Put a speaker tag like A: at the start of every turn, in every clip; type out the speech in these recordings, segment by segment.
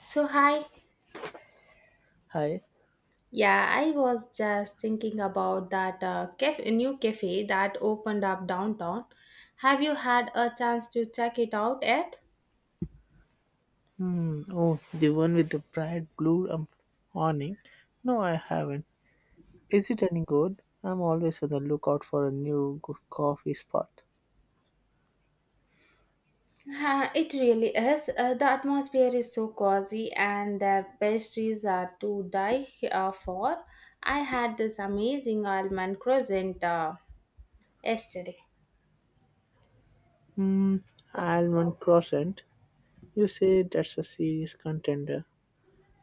A: So hi.
B: Hi.
A: Yeah, I was just thinking about that cafe, new cafe that opened up downtown. Have you had a chance to check it out yet?
B: Hmm. Oh, the one with the bright blue awning. No, I haven't. Is it any good? I'm always on the lookout for a new good coffee spot.
A: It really is. The atmosphere is so cozy, and their pastries are to die for. I had this amazing almond croissant yesterday.
B: Hmm. Almond Crescent. You say that's a serious contender.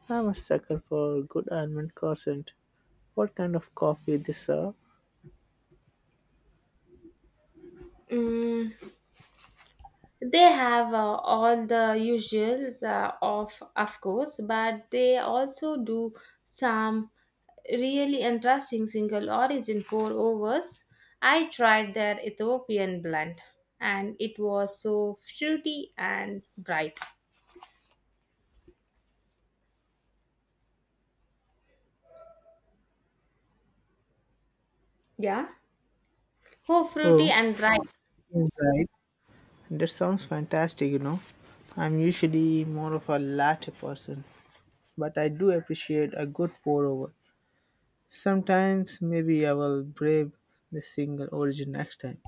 B: I'm a sucker for good almond crescent. What kind of coffee they serve?
A: Mm, they have all the usuals of course, but they also do some. Really interesting single origin pour overs. I tried their Ethiopian blend, and it was so fruity and bright. Yeah. Oh, fruity
B: Oh,
A: and bright.
B: right. That sounds fantastic. I'm usually more of a latte person, but I do appreciate a good pour over. Sometimes maybe I will brave the single origin next time.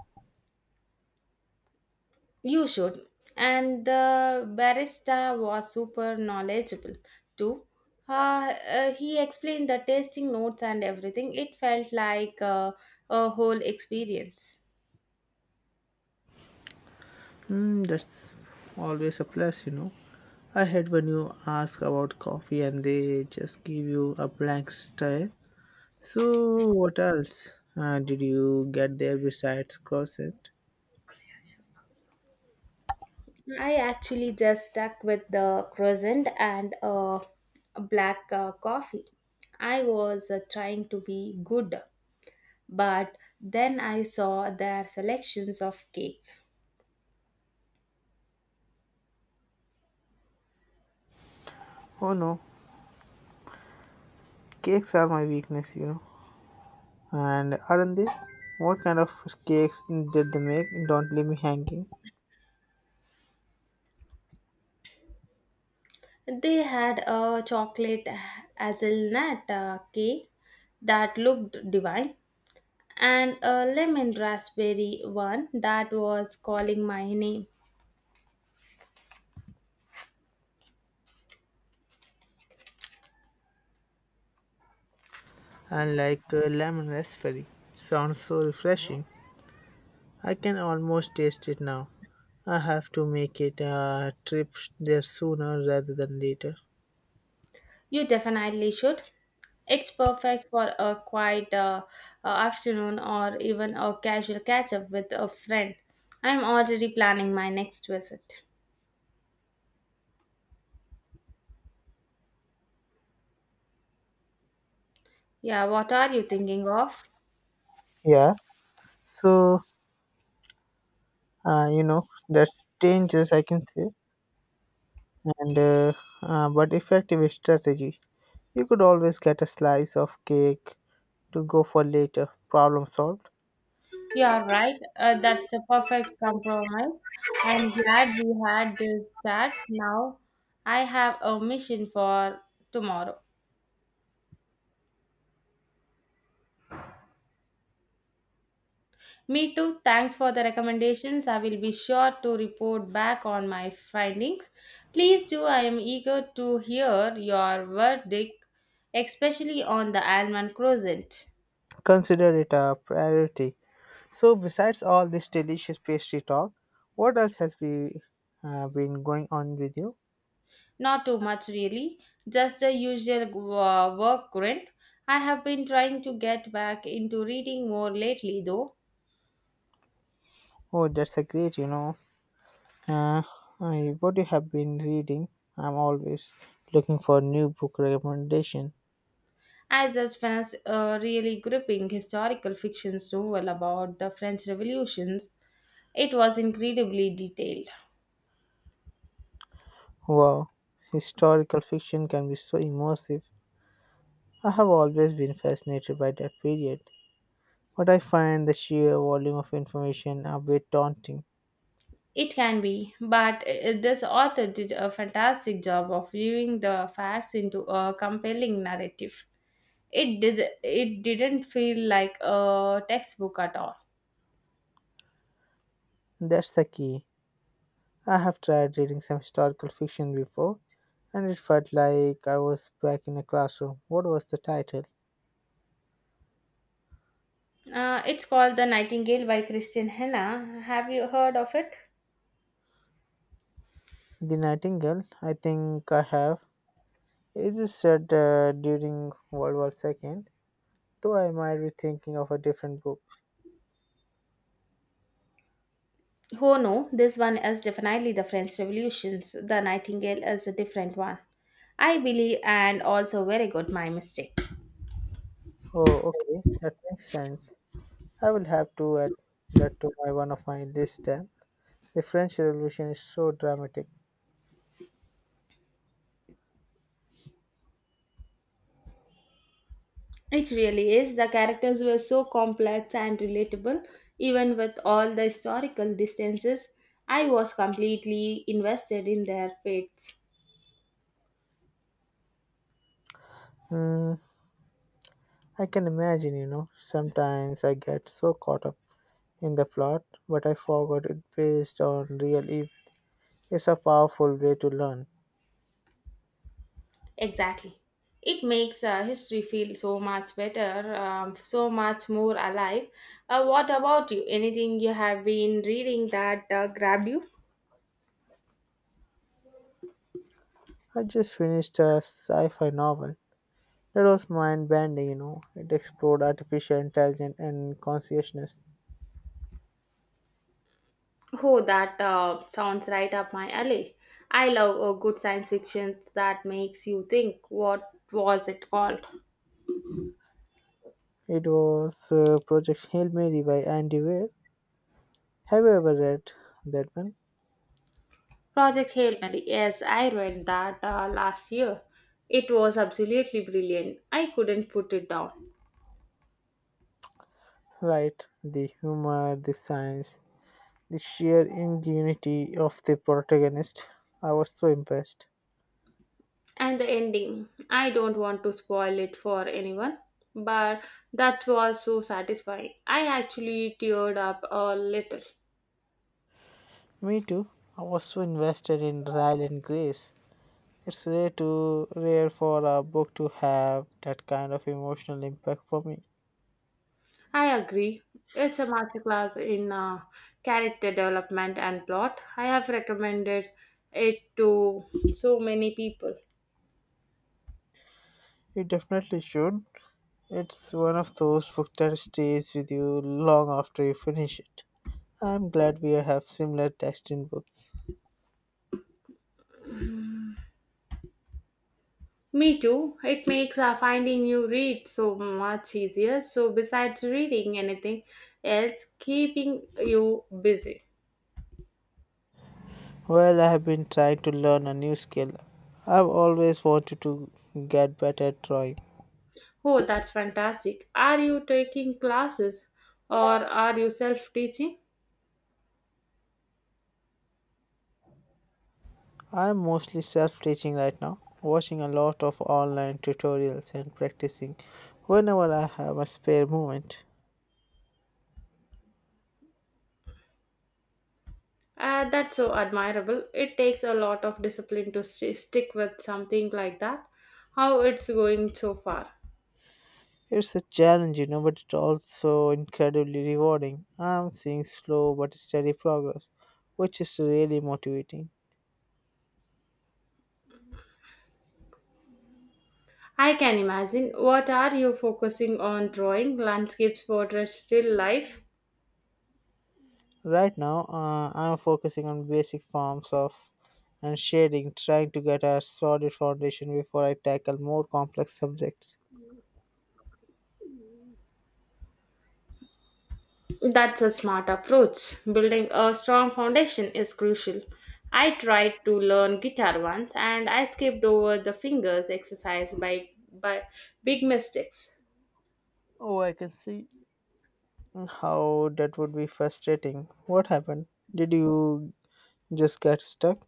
A: You should. And the barista was super knowledgeable too. He explained the tasting notes and everything. It felt like a whole experience.
B: Hmm, that's always a plus. I hate when you ask about coffee and they just give you a blank stare. So, what else did you get there besides croissant?
A: I actually just stuck with the croissant and a black coffee. I was trying to be good, but then I saw their selections of cakes.
B: Oh no, cakes are my weakness. And aren't they? What kind of cakes did they make? Don't leave me hanging.
A: They had a chocolate hazelnut cake that looked divine, and a lemon raspberry one that was calling my name.
B: And like lemon raspberry. Sounds so refreshing. I can almost taste it now. I have to make it a trip there sooner rather than later.
A: You definitely should. It's perfect for a quiet afternoon or even a casual catch up with a friend. I'm already planning my next visit. Yeah, what are you thinking of?
B: Yeah. So, that's dangerous, I can say. And but effective strategy. You could always get a slice of cake to go for later. Problem solved.
A: You are right. That's the perfect compromise. I'm glad we had this chat. Now I have a mission for tomorrow. Me too. Thanks for the recommendations. I will be sure to report back on my findings. Please do. I am eager to hear your verdict, especially on the Alman Crescent.
B: Consider it a priority. So, besides all this delicious pastry talk, what else has been going on with you?
A: Not too much, really. Just the usual work grind. I have been trying to get back into reading more lately, though.
B: Oh, that's a great. Uh, what you have been reading? I'm always looking for new book recommendation.
A: I just finished a really gripping historical fiction novel about the French revolutions. It was incredibly detailed.
B: Wow, historical fiction can be so immersive. I have always been fascinated by that period, but I find the sheer volume of information a bit daunting.
A: It can be, but this author did a fantastic job of viewing the facts into a compelling narrative. It did. It didn't feel like a textbook at all.
B: That's the key. I have tried reading some historical fiction before, and it felt like I was back in a classroom. What was the title?
A: It's called The Nightingale by Christian Henna. Have you heard of it?
B: The Nightingale. I think I have. Is this read during World War Second? Though I might be thinking of a different book.
A: Oh no, this one is definitely the French Revolutions. The Nightingale is a different one, I believe, and also very good. My mistake.
B: Oh, okay, that makes sense. I will have to add that to my one of my list then. The French Revolution is so dramatic.
A: It really is. The characters were so complex and relatable, even with all the historical distances. I was completely invested in their fates.
B: Hmm, I can imagine. Sometimes I get so caught up in the plot, but I forgot it based on real events. It's a powerful way to learn.
A: Exactly. It makes history feel so much better, so much more alive. What about you? Anything you have been reading that grabbed you?
B: I just finished a sci-fi novel. That was mind-bending. It explored artificial intelligence and consciousness.
A: Oh, that sounds right up my alley. I love good science fiction that makes you think. What was it called?
B: It was Project Hail Mary by Andy Weir. Have you ever read that one?
A: Project Hail Mary. Yes, I read that last year. It was absolutely brilliant. I couldn't put it down.
B: Right, the humor, the science, the sheer ingenuity of the protagonist. I was so impressed.
A: And the ending. I don't want to spoil it for anyone, but that was so satisfying. I actually teared up a little.
B: Me too. I was so invested in Ryle and Grace. It's rare to rare for a book to have that kind of emotional impact for me.
A: I agree. It's a masterclass in character development and plot. I have recommended it to so many people.
B: It definitely should. It's one of those books that stays with you long after you finish it. I'm glad we have similar texting books.
A: Me too. It makes finding new read so much easier. So besides reading anything else, keeping you busy.
B: Well, I have been trying to learn a new skill. I've always wanted to get better at drawing.
A: Oh, that's fantastic. Are you taking classes or are you self-teaching?
B: I'm mostly self teaching right now, watching a lot of online tutorials and practicing whenever I have a spare moment.
A: That's so admirable. It takes a lot of discipline to stick with something like that. How it's going so far?
B: It's a challenge, but it's also incredibly rewarding. I'm seeing slow but steady progress, which is really motivating.
A: I can imagine. What are you focusing on? Drawing, landscapes, portraits, still life?
B: Right now, I'm focusing on basic forms of and shading, trying to get a solid foundation before I tackle more complex subjects.
A: That's a smart approach. Building a strong foundation is crucial. I tried to learn guitar once, and I skipped over the fingers exercise by big mistakes.
B: Oh, I can see how that would be frustrating. What happened? Did you just get stuck?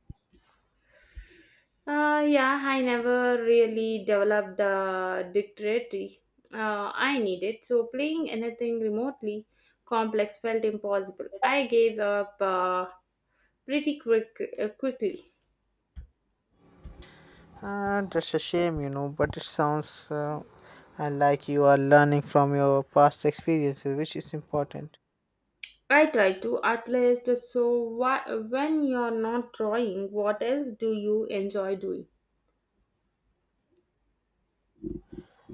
A: Yeah, I never really developed the dictionary I needed, so playing anything remotely complex felt impossible. I gave up pretty quickly.
B: That's a shame, but it sounds like you are learning from your past experiences, which is important.
A: I try to at least. So, when you're not drawing, what else do you enjoy doing?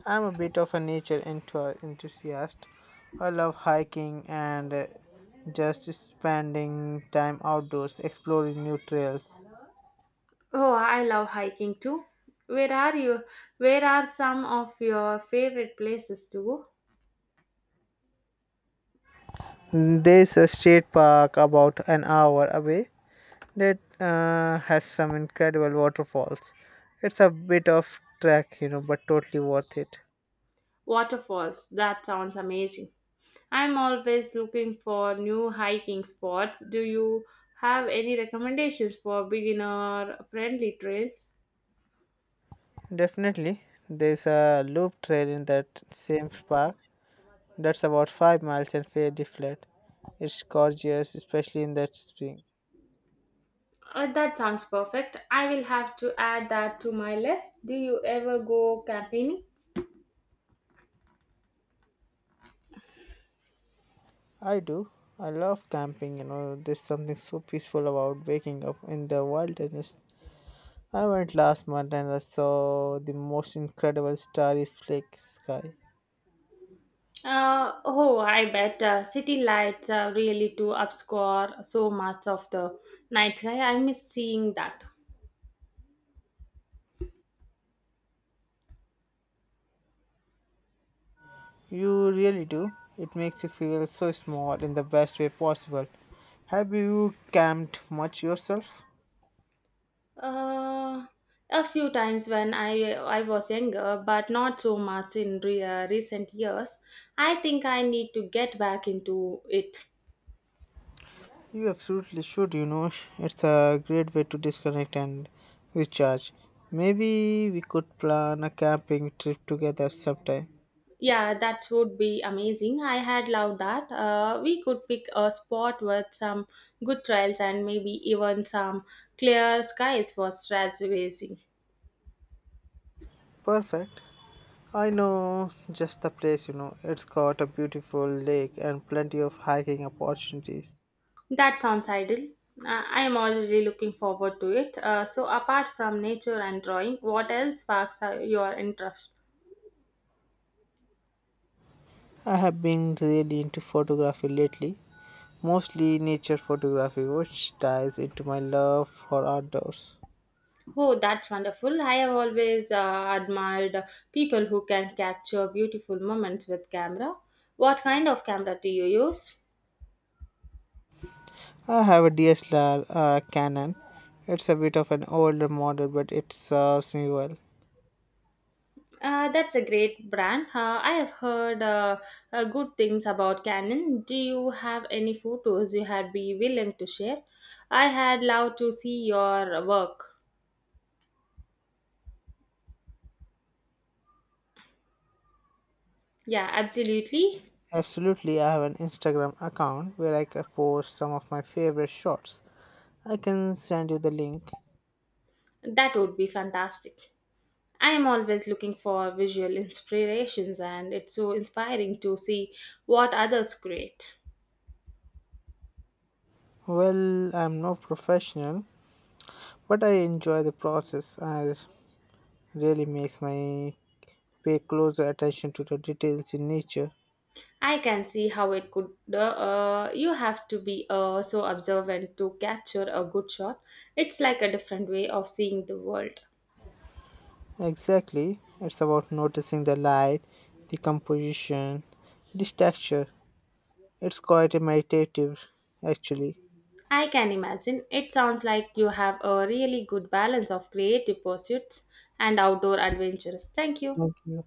B: I'm a bit of a nature enthusiast. I love hiking and just spending time outdoors exploring new trails.
A: Oh, I love hiking too. Where are you? Where are some of your favorite places to go?
B: There's a state park about an hour away that has some incredible waterfalls. It's a bit of trek, but totally worth it.
A: Waterfalls. That sounds amazing. I'm always looking for new hiking spots. Do you have any recommendations for beginner friendly trails?
B: Definitely, there's a loop trail in that same park that's about 5 miles and fairly flat. It's gorgeous, especially in that spring.
A: That sounds perfect. I will have to add that to my list. Do you ever go camping?
B: I do. I love camping, there's something so peaceful about waking up in the wilderness. I went last month and I saw the most incredible starry flake sky.
A: Oh, I bet city lights really do obscure so much of the night sky. I miss seeing that.
B: You really do. It makes you feel so small in the best way possible. Have you camped much yourself?
A: Uh, a few times when I was younger, but not so much in recent years. I think I need to get back into it.
B: You absolutely should. It's a great way to disconnect and recharge. Maybe we could plan a camping trip together sometime.
A: Yeah, that would be amazing. I had loved that. We could pick a spot with some good trails and maybe even some clear skies for stargazing.
B: Perfect. I know just the place. It's got a beautiful lake and plenty of hiking opportunities.
A: That sounds ideal. I am already looking forward to it. So, apart from nature and drawing, what else sparks your interest?
B: I have been really into photography lately, mostly nature photography, which ties into my love for outdoors.
A: Oh, that's wonderful. I have always admired people who can capture beautiful moments with camera. What kind of camera do you use?
B: I have a DSLR Canon. It's a bit of an older model, but it serves me well.
A: That's a great brand. I have heard good things about Canon. Do you have any photos you had be willing to share? I had loved to see your work. Yeah, absolutely.
B: Absolutely, I have an Instagram account where I can post some of my favorite shots. I can send you the link.
A: That would be fantastic. I am always looking for visual inspirations, and it's so inspiring to see what others create.
B: Well, I'm no professional, but I enjoy the process and really makes my pay closer attention to the details in nature.
A: I can see how it could. You have to be so observant to capture a good shot. It's like a different way of seeing the world.
B: Exactly, it's about noticing the light, the composition, the texture. It's quite meditative, actually.
A: I can imagine. It sounds like you have a really good balance of creative pursuits and outdoor adventures. Thank you.
B: Thank you.